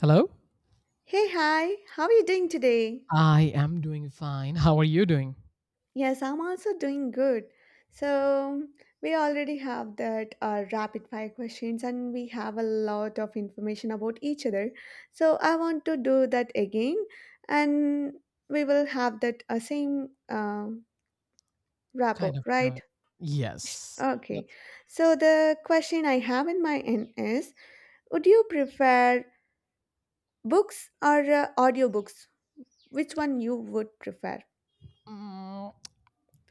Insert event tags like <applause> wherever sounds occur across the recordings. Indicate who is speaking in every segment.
Speaker 1: Hello?
Speaker 2: Hey, hi, how are you doing today?
Speaker 1: I am doing fine. How are you doing?
Speaker 2: Yes, I'm also doing good. So, we already have that rapid fire questions and we have a lot of information about each other. So, I want to do that again and we will have that same rapport,
Speaker 1: Kind of
Speaker 2: right?
Speaker 1: yes.
Speaker 2: Okay.
Speaker 1: Let's-
Speaker 2: So, the question I have in my end is would you prefer books or audiobooks? Which one you would prefer?
Speaker 1: Mm,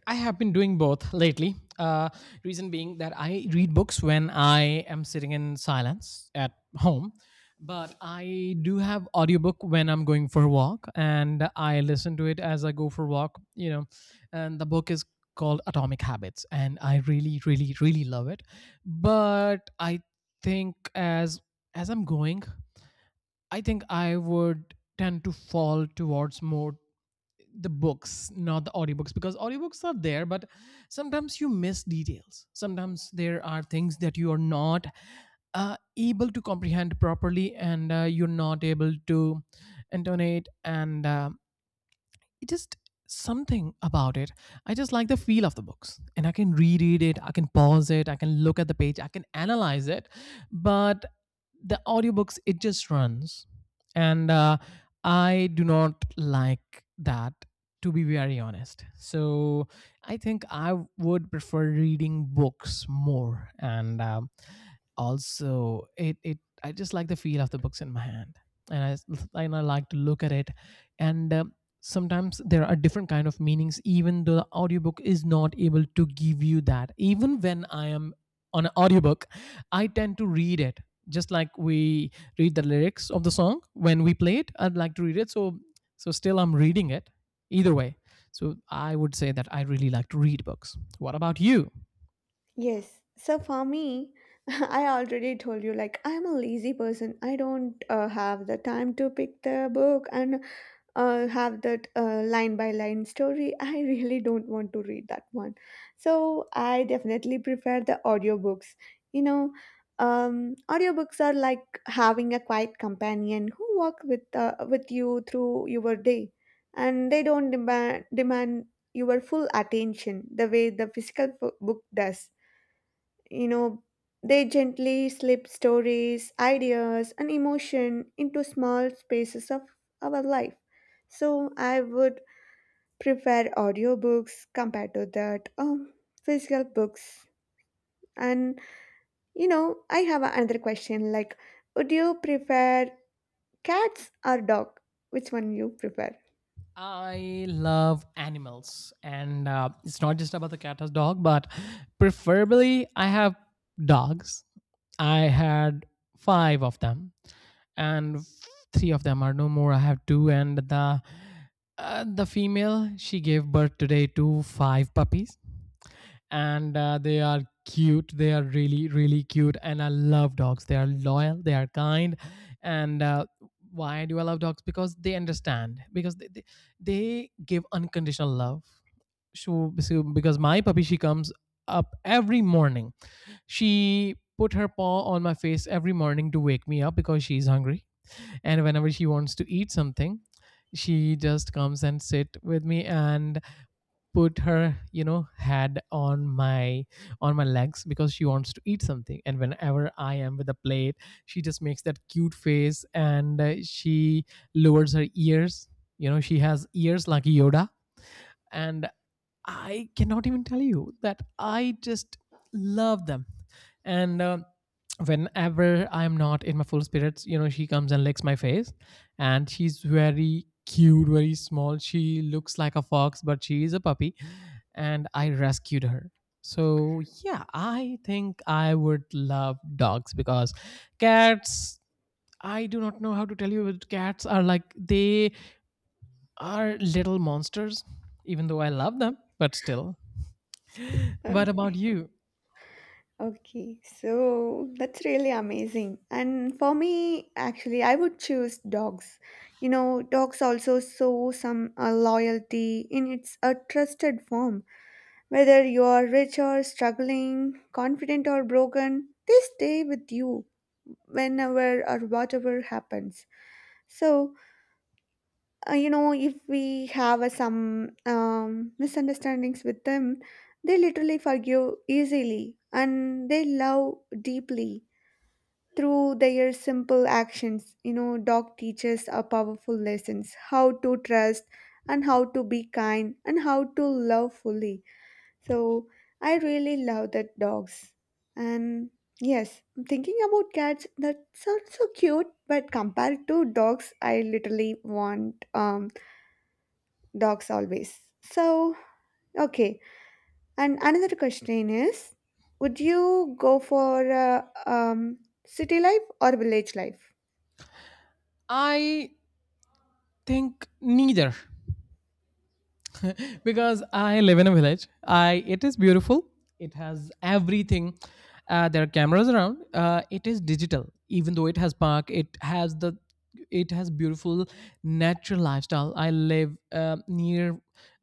Speaker 1: I have been doing both lately. Reason being that I read books when I am sitting in silence at home, but I do have audiobook when I'm going for a walk, and I listen to it as I go for a walk. You know, and the book is called Atomic Habits, and I really, really, really love it. But I think as as I'm going I think I would tend to fall towards more the books, not the audiobooks, because audiobooks are there, but sometimes you miss details. Sometimes there are things that you are not able to comprehend properly and you're not able to intonate. And it just something about it. I just like the feel of the books and I can reread it, I can pause it, I can look at the page, I can analyze it. But the audiobooks it just runs and I do not like that to be very honest so I think I would prefer reading books more and also, it I just like the feel of the books in my hand, and and I like to look at it. And sometimes there are different kind of meanings, even though the audiobook is not able to give you that. Even when I am on an audiobook, I tend to read it just like we read the lyrics of the song when we play it. I'd like to read it, so still I'm reading it. Either way, so I would say that I really like to read books. What about you?
Speaker 2: Yes. So for me, <laughs> I already told you, like, I'm a lazy person. I don't have the time to pick the book, and have that line by line story. <laughs> I really don't want to read that one. So I definitely prefer the audiobooks. You know, audiobooks are like having a quiet companion who walk with you through your day, and they don't demand your full attention the way the physical book does, you know, they gently slip stories, ideas, and emotion into small spaces of our life. So I would prefer audiobooks compared to that physical books. And you know, I have another question like, would you prefer cats or dog? Which one you prefer?
Speaker 1: I love animals, and it's not just about the cat as dog, but preferably I have dogs. I had five of them, and three of them are no more. I have two, and the female she gave birth today to five puppies, and they are cute, they are really, really cute, and I love dogs. They are loyal, they are kind, and why do I love dogs? Because they understand, because they give unconditional love. So because my puppy she comes up every morning, she put her paw on my face every morning to wake me up because she's hungry. And whenever she wants to eat something, she just comes and sit with me and put her, you know, head on my legs because she wants to eat something. And whenever I am with a plate, she just makes that cute face and she lowers her ears. You know, she has ears like Yoda. And I cannot even tell you that I just love them. And whenever I'm not in my full spirits, you know, she comes and licks my face. And she's very cute, very small, she looks like a fox, but she is a puppy, and I rescued her. So yeah, I think I would love dogs because cats, I do not know how to tell you, but cats are like they are little monsters, even though I love them, but still.
Speaker 2: Uh,
Speaker 1: What about you?
Speaker 2: Okay, so that's really amazing. And for me, actually, I would choose dogs. You know, dogs also show some loyalty in its a trusted form. Whether you are rich or struggling, confident or broken, they stay with you whenever or whatever happens. So, you know, if we have some misunderstandings with them, they literally forgive easily and they love deeply through their simple actions. You know, dog teaches a powerful lessons how to trust and how to be kind and how to love fully. So I really love that dogs. And yes, I'm thinking about cats that sounds so cute, but compared to dogs I literally want dogs always. So okay, and another question is would you go for uh, um city life or village life?
Speaker 1: I think neither because I live in a village. I it is beautiful, it has everything. There are cameras around, it is digital, even though it has park, it has the it has beautiful natural lifestyle. I live near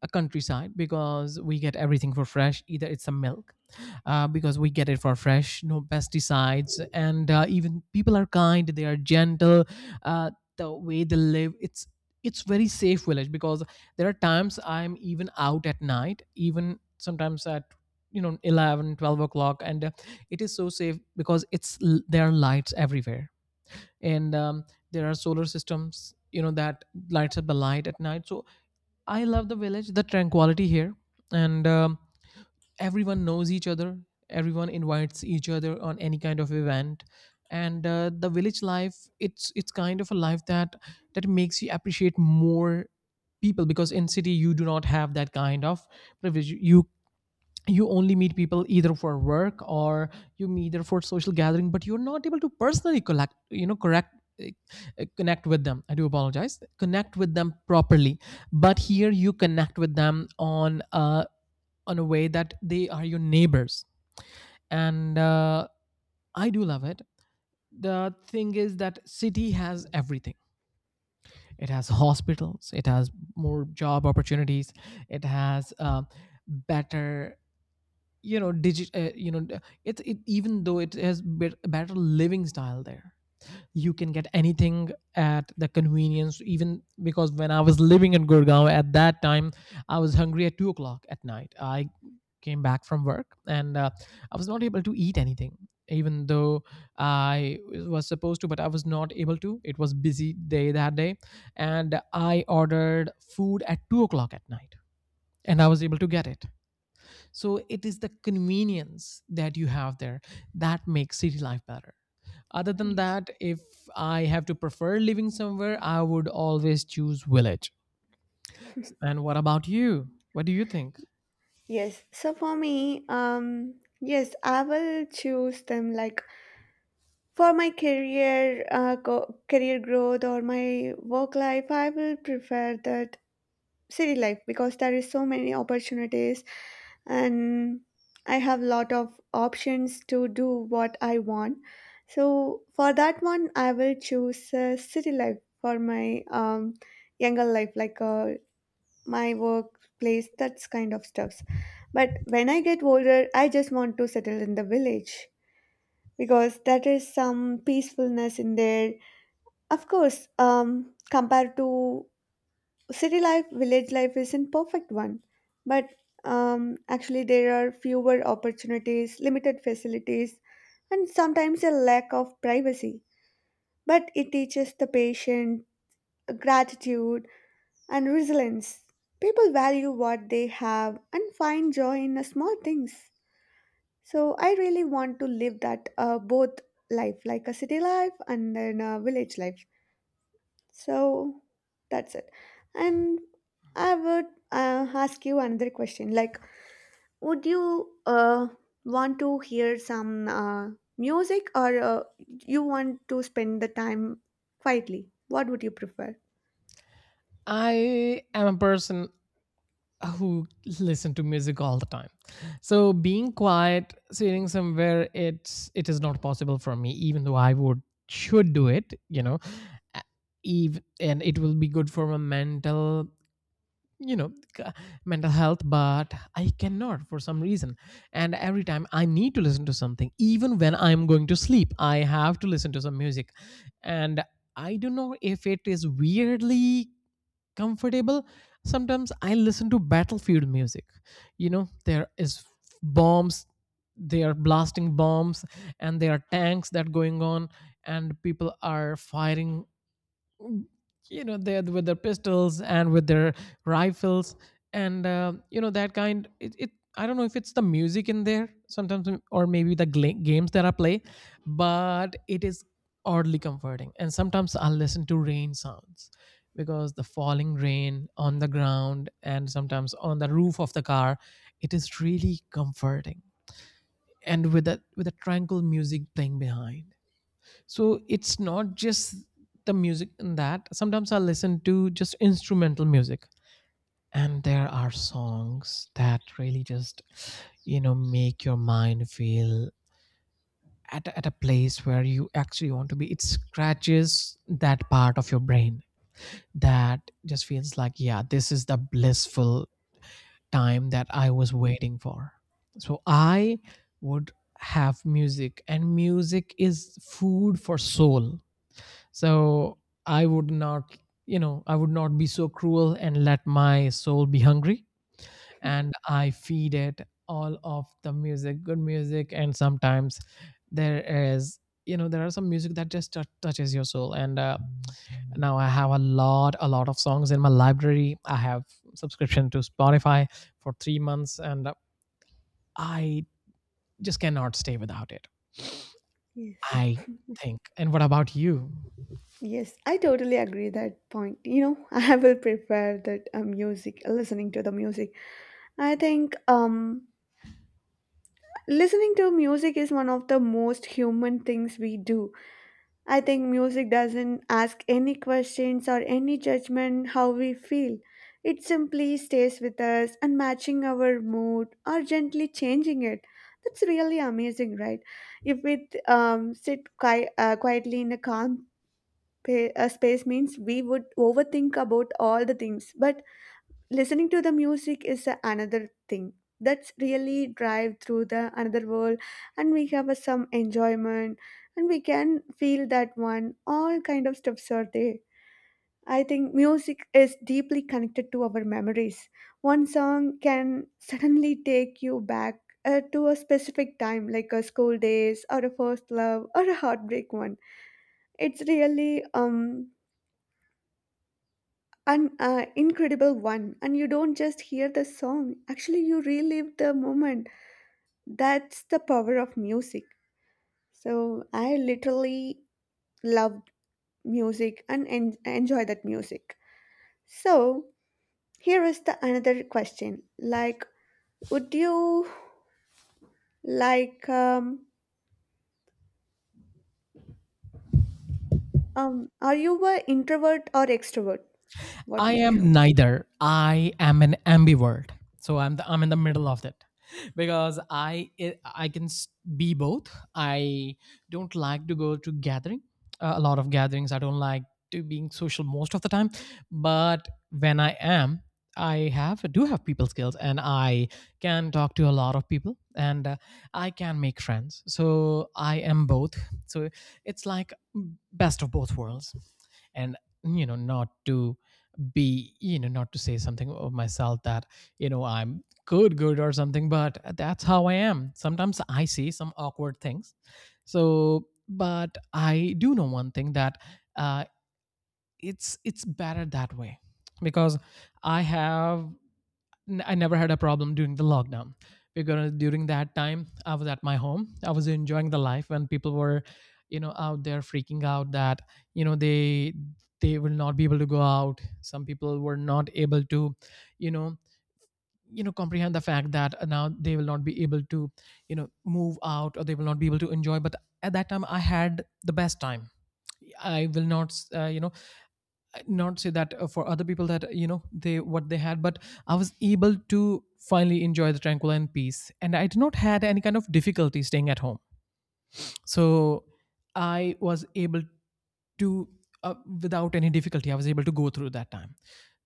Speaker 1: a countryside because we get everything for fresh, either it's a milk. Because we get it for fresh, no pesticides. And even people are kind, they are gentle. uh, the way they live, it's very safe village because there are times I'm even out at night, even sometimes at, you know, 11, 12 o'clock. And it is so safe because there are lights everywhere. And there are solar systems, you know, that lights up the light at night. So I love the village, the tranquility here. And everyone knows each other, everyone invites each other on any kind of event. And the village life, it's kind of a life that that makes you appreciate more people, because in city you do not have that kind of privilege. You only meet people either for work or you meet either for social gathering, but you're not able to personally collect, you know, correct uh, connect with them, I do apologize, connect with them properly. But here you connect with them on a way that they are your neighbors. And I do love it. The thing is that city has everything, it has hospitals, it has more job opportunities, it has better, you know, digit you know, it's it, even though it has bit better living style there, you can get anything at the convenience. Even because when I was living in Gurgaon, at that time I was hungry at 2 o'clock at night. I came back from work and I was not able to eat anything, even though I was supposed to, but I was not able to, it was busy day that day. And I ordered food at 2 o'clock at night, and I was able to get it. So it is the convenience that you have there that makes city life better. Other than
Speaker 2: Yes.
Speaker 1: that, if I have to prefer living somewhere, I would always choose village. And what about you? What do you think?
Speaker 2: Yes. So for me, yes, I will choose them like for my career, career growth or my work life. I will prefer that city life because there is so many opportunities, and I have lot of options to do what I want. So for that one, I will choose city life for my younger life, like my workplace, that's kind of stuffs. But when I get older, I just want to settle in the village because that is some peacefulness in there. Of course, compared to city life, village life isn't perfect one, but actually there are fewer opportunities, limited facilities, and sometimes a lack of privacy. But it teaches the patient, gratitude and resilience. People value what they have and find joy in the small things. So I really want to live that both life, like a city life and then a village life. So that's it. And I would ask you another question. Like, would you want to hear some music or you want to spend the time quietly? What would you prefer?
Speaker 1: I am a person who listen to music all the time. So being quiet, sitting somewhere, it's it is not possible for me, even though I would should do it, you know. Even and it will be good for my mental, you know, c- mental health, but I cannot, for some reason. And every time I need to listen to something, even when I'm going to sleep I have to listen to some music. And I don't know if it is weirdly comfortable. Sometimes I listen to battlefield music. You know, there is bombs, they are blasting bombs, and there are tanks that going on, and people are firing, you know, they with their pistols and with their rifles. And you know, that kind, it I don't know if it's the music in there sometimes, or maybe the games that I play. But it is oddly comforting. And sometimes I'll listen to rain sounds because the falling rain on the ground and sometimes on the roof of the car, it is really comforting. And with that, with a tranquil music playing behind. So it's not just the music in that. Sometimes I listen to just instrumental music. And there are songs that really just, you know, make your mind feel at, at a place where you actually want to be. It scratches that part of your brain that just feels like, yeah, this is the blissful time that I was waiting for. So I would have music, and music is food for soul. So I would not, you know, I would not be so cruel and let my soul be hungry. And I feed it all of the music, good music. And sometimes there is, you know, there are some music that just touches your soul. And now I have a lot of songs in my library. I have subscription to Spotify for 3 months, and I just cannot stay without it.
Speaker 2: Yes.
Speaker 1: I think. And what about you?
Speaker 2: Yes, I totally agree that point. You know, <laughs> I will prepare that music, listening to the music. I think listening to music is one of the most human things we do. I think music doesn't ask any questions or any judgment how we feel. It simply stays with us and matching our mood or gently changing it. That's really amazing, right? If we sit quietly in a calm space means we would overthink about all the things, but listening to the music is another thing that's really drive through the another world, and we have a some enjoyment, and we can feel that one all kind of stuffs are there. I think music is deeply connected to our memories. One song can suddenly take you back to a specific time like a school days or a first love or a heartbreak one. It's really an incredible one, and you don't just hear the song, actually you relive the moment. That's the power of music. So I literally love music and enjoy that music. So here is the another question like, would you like are you a introvert or extrovert? What
Speaker 1: I
Speaker 2: would
Speaker 1: am neither. I am an ambivert. So I'm the, I'm in the middle of that <laughs> because I be both. I don't like to go to gathering, a lot of gatherings. I don't like to being social most of the time, but when I am, I have do have people skills, and I can talk to a lot of people, and I can make friends. So I am both. So it's like best of both worlds. And you know, not to be, you know, not to say something of myself that, you know, I'm good or something. But that's how I am, sometimes I say some awkward things. So but I do know one thing that uh, it's better that way, because I have I never had a problem during the lockdown, because during that time I was at my home. I was enjoying the life when people were, you know, out there freaking out that, you know, they will not be able to go out. Some people were not able to, you know, you know comprehend the fact that now they will not be able to, you know, move out, or they will not be able to enjoy. But at that time I had the best time. I will not, not say that for other people that they what they had, but I was able to finally enjoy the tranquil and peace, and I did not had any kind of difficulty staying at home. So I was able to uh, without any difficulty I was able to go through that time.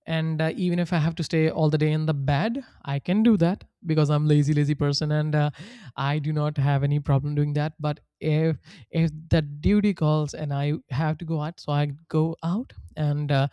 Speaker 1: And even if I have to stay all the day in the bed, I can do that because I'm lazy person, and I do not have any problem doing that. But if the duty calls and I have to go out, so I go out, and uh,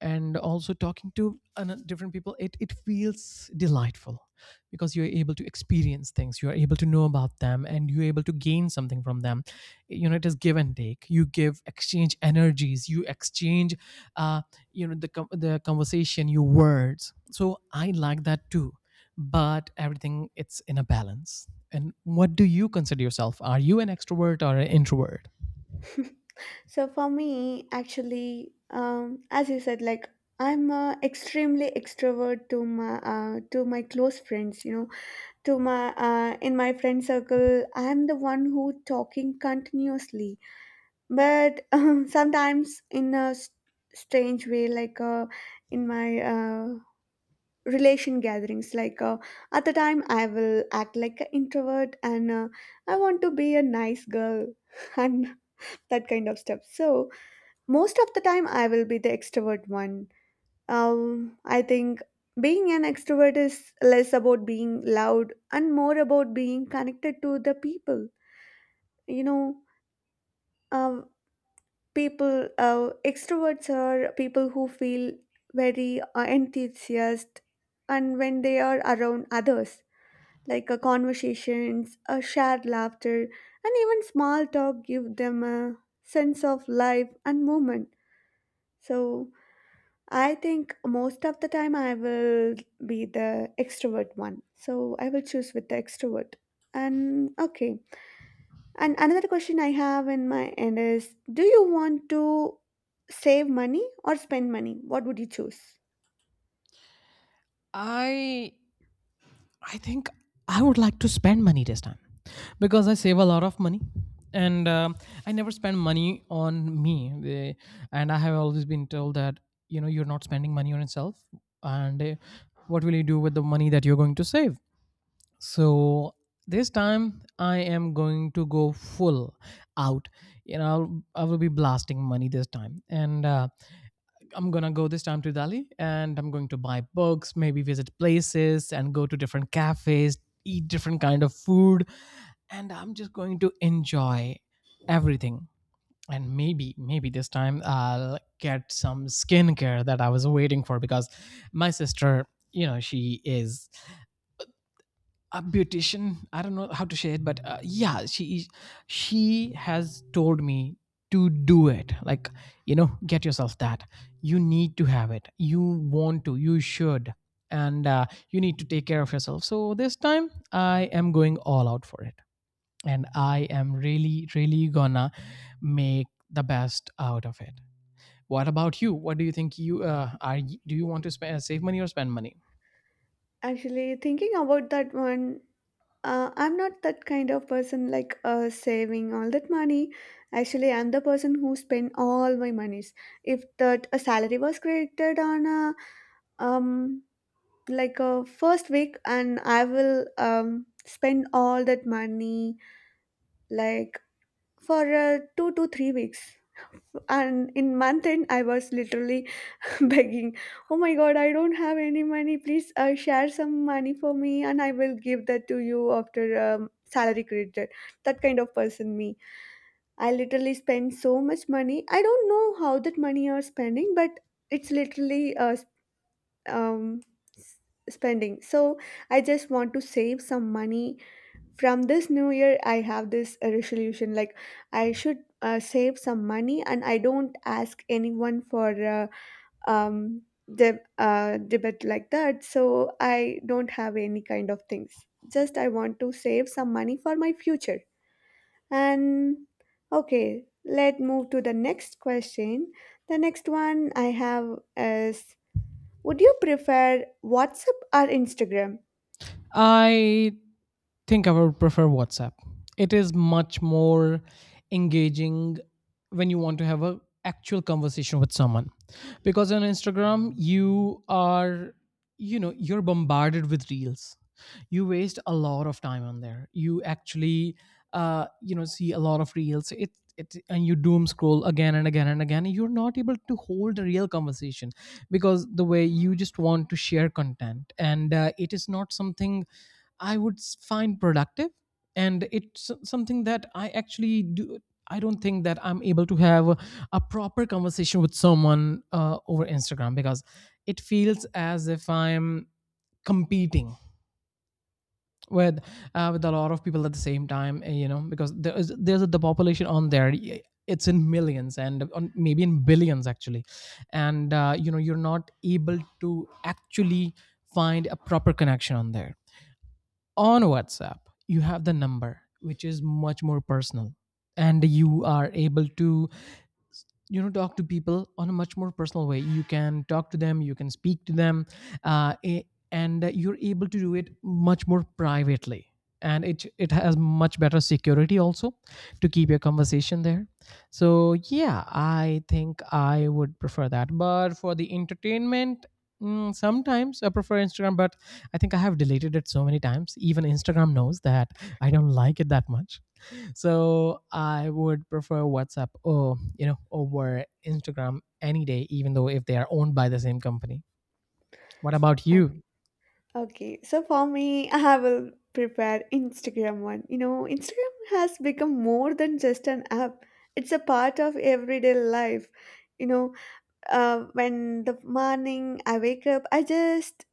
Speaker 1: and also talking to different people, it feels delightful because you're able to experience things, you're able to know about them, and you're able to gain something from them. It is give and take. You give, exchange energies, you exchange uh, the conversation, your words. So I like that too. But everything, it's in a balance. And what do you consider yourself? Are you an extrovert or an introvert?
Speaker 2: you? <laughs> So for me, actually, as you said, like I'm extremely extrovert to my close friends. You know, to my in my friend circle, I'm the one who talking continuously. But <laughs> sometimes in a strange way, like in my relation gatherings, like at the time I will act like an introvert and I want to be a nice girl <laughs> and that kind of stuff. So most of the time I will be the extrovert one. I think being an extrovert is less about being loud and more about being connected to the people. You know, um, people extroverts are people who feel very enthusiastic and when they are around others, like conversations, shared laughter and even small talk give them a sense of life and movement. So I think most of the time I will be the extrovert one. So I will choose with the extrovert. And okay. And another question I have in my end is do you want to save money or spend money? What would you choose?
Speaker 1: I I think I would like to spend money this time because I save a lot of money, and I never spend money on me. They, and I have always been told that you're not spending money on yourself, and what will you do with the money that you're going to save? So this time I am going to go full out. I will be blasting money this time, and I'm gonna go this time to Delhi, and I'm going to buy books, maybe visit places and go to different cafes, eat different kind of food, and I'm just going to enjoy everything. And maybe this time I'll get some skincare that I was waiting for because my sister, she is a beautician. I don't know how to say it, but yeah, she has told me to do it, like, get yourself that, you need to have it, you want to, you should. And you need to take care of yourself. So this time I am going all out for it, and I am really really gonna make the best out of it. What about you? What do you think? Do you want to spend, save money or spend money?
Speaker 2: Actually, thinking about that one, I'm not that kind of person like saving all that money. Actually, I'm the person who spend all my monies. If that a salary was created on a um like a first week, and I will spend all that money like for 2 to 3 weeks, and in month end I was literally <laughs> begging, oh my god I don't have any money, please share some money for me and I will give that to you after salary credited. That kind of person me. I literally spend so much money, I don't know how that money are spending, but it's literally um, s- spending. So I just want to save some money. From this new year, I have this resolution like I should save some money and I don't ask anyone for um, debit like that. So I don't have any kind of things. Just I want to save some money for my future. And okay, let's move to the next question. The next one I have is would you prefer WhatsApp or Instagram?
Speaker 1: I think I would prefer WhatsApp. It is much more engaging when you want to have a actual conversation with someone, because on Instagram you're bombarded with reels. You waste a lot of time on there. You actually see a lot of reels, it and you doom scroll again and again and again. You're not able to hold a real conversation because the way you just want to share content, and it is not something I would find productive. And it's something that I actually do. I don't think that I'm able to have a proper conversation with someone over Instagram, because it feels as if I'm competing with with a lot of people at the same time, because there's the population on there, it's in millions and maybe in billions actually. And you're not able to actually find a proper connection on there. On WhatsApp, you have the number, which is much more personal, and you are able to, talk to people on a much more personal way. You can talk to them, you can speak to them, uh, a- and you're able to do it much more privately, and it has much better security also, to keep your conversation there. So yeah, I think I would prefer that. But for the entertainment, sometimes I prefer Instagram. But I think I have deleted it so many times, even Instagram knows that I don't like it that much. So I would prefer WhatsApp or over Instagram any day, even though if they are owned by the same company. What about
Speaker 2: Uh,
Speaker 1: you?
Speaker 2: Okay, so for me, <laughs> I will prepare Instagram one. You know, Instagram has become more than just an app, it's a part of everyday life. You know, when the morning I wake up, I just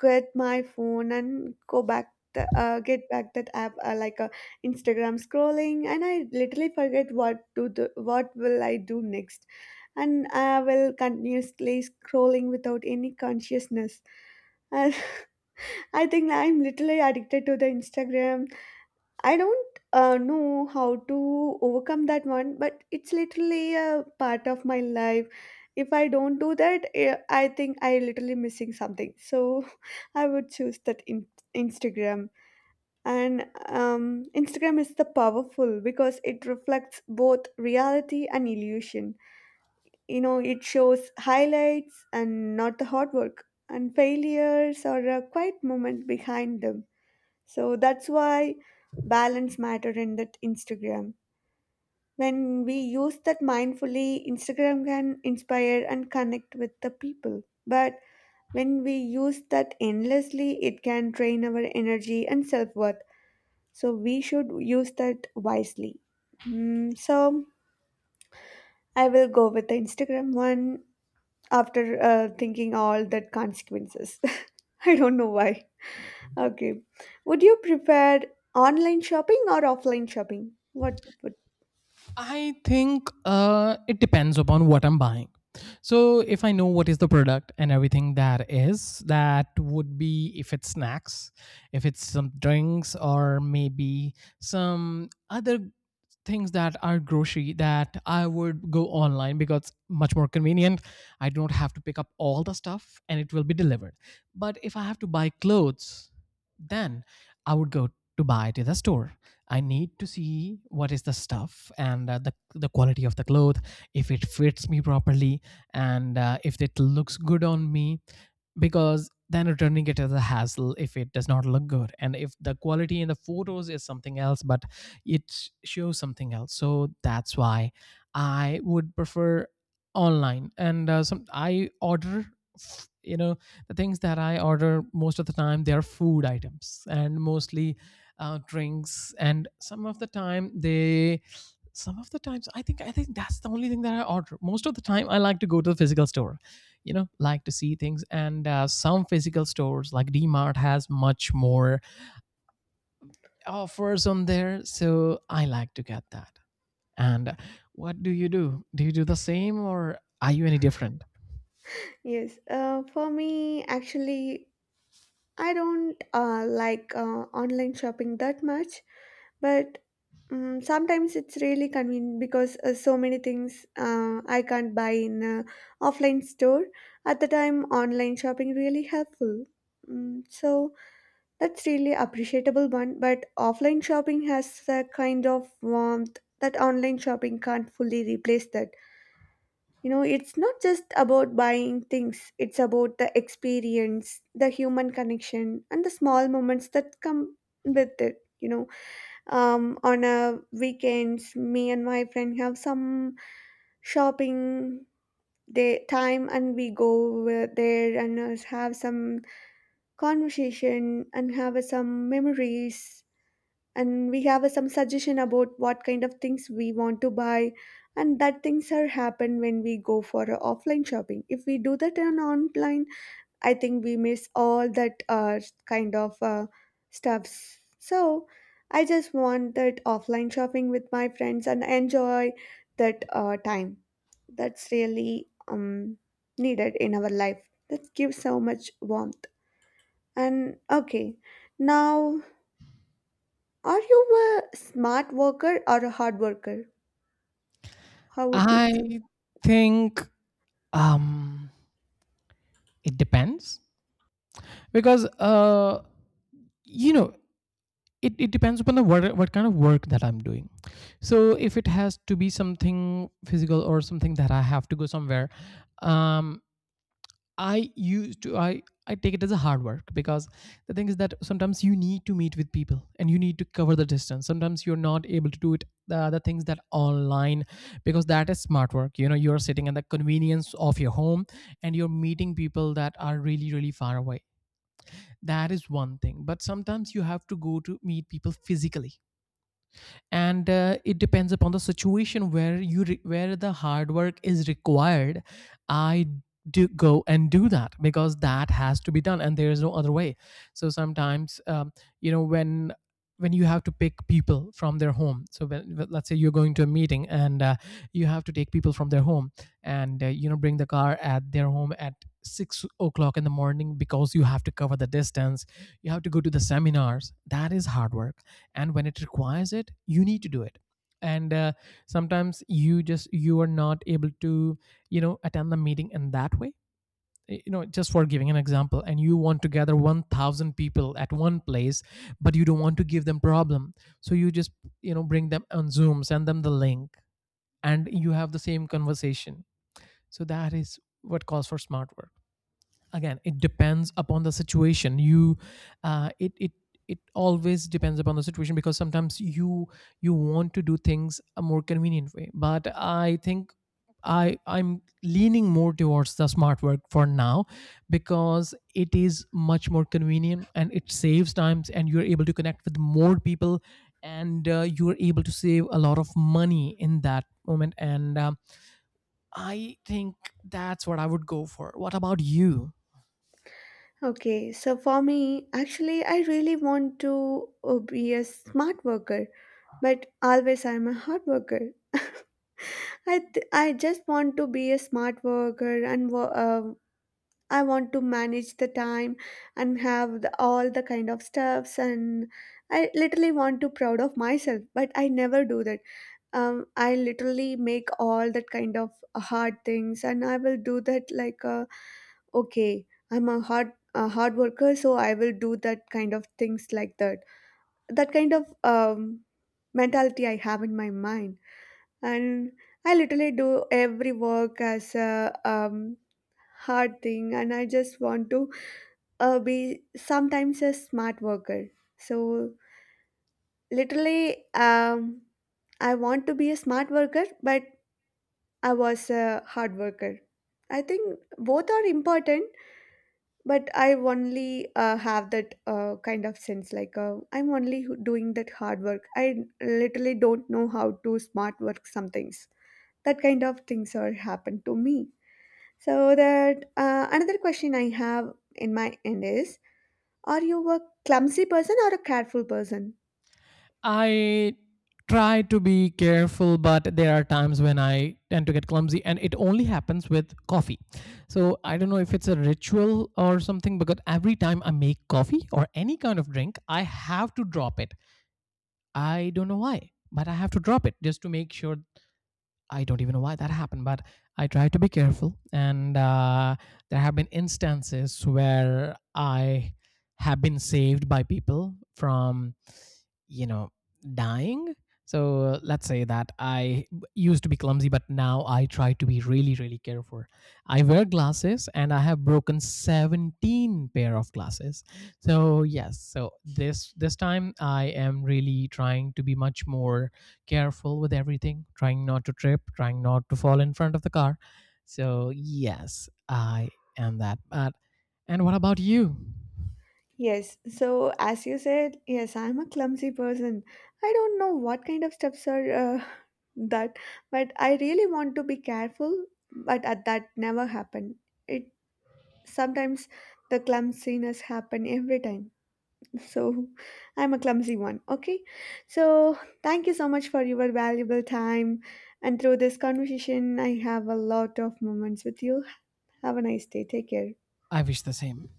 Speaker 2: get my phone and go back. The, get back that app like a Instagram scrolling, and I literally forget what to do, what will I do next, and I will continuously scrolling without any consciousness. And <laughs> I think I'm literally addicted to the Instagram. I don't know how to overcome that one, but it's literally a part of my life. If I don't do that, eh, I think I literally missing something. So <laughs> I would choose that Instagram. And Instagram is the powerful because it reflects both reality and illusion. You know, it shows highlights and not the hard work, and failures are a quiet moment behind them. So that's why balance matter in that Instagram. When we use that mindfully, Instagram can inspire and connect with the people, but when we use that endlessly, it can drain our energy and self-worth. So we should use that wisely. Mm, so I will go with the Instagram one after thinking all that consequences. <laughs> I don't know why. Okay. Would you prefer online shopping or offline shopping? What would?
Speaker 1: I think it depends upon what I'm buying. So if I know what is the product and everything, that is, that would be if it's snacks, if it's some drinks, or maybe some other things that are grocery, that I would go online because much more convenient. I don't have to pick up all the stuff and it will be delivered. But if I have to buy clothes, then I would go to buy it at the store. I need to see what is the stuff, and the quality of the cloth, if it fits me properly, and if it looks good on me, because then returning it is a hassle if it does not look good, and if the quality in the photos is something else but it shows something else. So that's why I would prefer online. And some I order, f- you know the things that I order most of the time, they are food items, and mostly drinks. And some of the times, I think that's the only thing that I order most of the time. I like to go to the physical store, like to see things. And some physical stores like D Mart has much more offers on there, so I like to get that. And what do you do? Do you do the same, or are you any different?
Speaker 2: Yes. For me, actually, I don't like online shopping that much, but sometimes it's really convenient because so many things I can't buy in a offline store. At the time, online shopping really helpful. Mm, so that's really appreciable one, but offline shopping has a kind of warmth that online shopping can't fully replace that. You know, it's not just about buying things, it's about the experience, the human connection, and the small moments that come with it. You know, on a weekends, me and my friend have some shopping day time, and we go there and have some conversation and have some memories, and we have a, some suggestion about what kind of things we want to buy, and that things are happen when we go for a offline shopping. If we do that on online, I think we miss all that kind of uh, stuffs. So I just want that offline shopping with my friends and enjoy that time. That's really needed in our life, that gives so much warmth. And okay, now, are you a smart worker or a hard worker? How would you choose?
Speaker 1: I think, um it depends, because you know it depends upon what kind of work that I'm doing. So if it has to be something physical or something that I have to go somewhere, um I used to I take it as a hard work, because the thing is that sometimes you need to meet with people and you need to cover the distance. Sometimes you're not able to do it, the other things that online, because that is smart work. You're sitting in the convenience of your home, and you're meeting people that are really really far away. That is one thing, but sometimes you have to go to meet people physically, and it depends upon the situation where where the hard work is required. I do go and do that, because that has to be done and there is no other way. So sometimes, when you have to pick people from their home, so let's say you're going to a meeting, and you have to take people from their home, and bring the car at their home at 6 o'clock in the morning, because you have to cover the distance, you have to go to the seminars, that is hard work. And when it requires it, you need to do it. And sometimes you just, you are not able to, attend the meeting in that way. Just for giving an example, and you want to gather 1000 people at one place but you don't want to give them problem, so you just bring them on Zoom, send them the link, and you have the same conversation. So that is what calls for smart work. Again, it depends upon the situation. You uh, it it it always depends upon the situation, because sometimes you want to do things a more convenient way. But I think I'm leaning more towards the smart work for now, because it is much more convenient and it saves times and you're able to connect with more people, and you're able to save a lot of money in that moment. And I think that's what I would go for. What about you?
Speaker 2: Okay, so for me, actually, I really want to be a smart worker, but always I'm a hard worker. <laughs> I just want to be a smart worker and I want to manage the time and have the, all the kind of stuffs, and I literally want to proud of myself, but I never do that. I literally make all that kind of hard things, and I will do that like okay, I'm a hard worker, so I will do that kind of things like that. That kind of mentality I have in my mind, and I literally do every work as a hard thing, and I just want to be sometimes a smart worker. So literally, I want to be a smart worker, but I was a hard worker. I think both are important, but I only have that kind of sense like I'm only doing that hard work. I literally don't know how to smart work some things. That kind of things are happen to me. So that another question I have in my end is: are you a clumsy person or a careful person?
Speaker 1: I try to be careful, but there are times when I tend to get clumsy, and it only happens with coffee. So I don't know if it's a ritual or something, because every time I make coffee or any kind of drink, I have to drop it. I don't know why, but I have to drop it just to make sure. I don't even know why that happened, but I try to be careful. And there have been instances where I have been saved by people from, you know dying. So let's say that I used to be clumsy, but now I try to be really really careful. I wear glasses and I have broken 17 pair of glasses. So yes, so this time I am really trying to be much more careful with everything, trying not to trip, trying not to fall in front of the car. So yes, I am that, but and what about you?
Speaker 2: Yes, so as you said, yes, I'm a clumsy person. I don't know what kind of steps are <laughs> that, but I really want to be careful, but at that never happened. It sometimes the clumsiness happen every time. So <laughs> I'm a clumsy one, okay? So thank you so much for your valuable time. And through this conversation, I have a lot of moments with you. Have a nice day. Take care.
Speaker 1: I wish the same.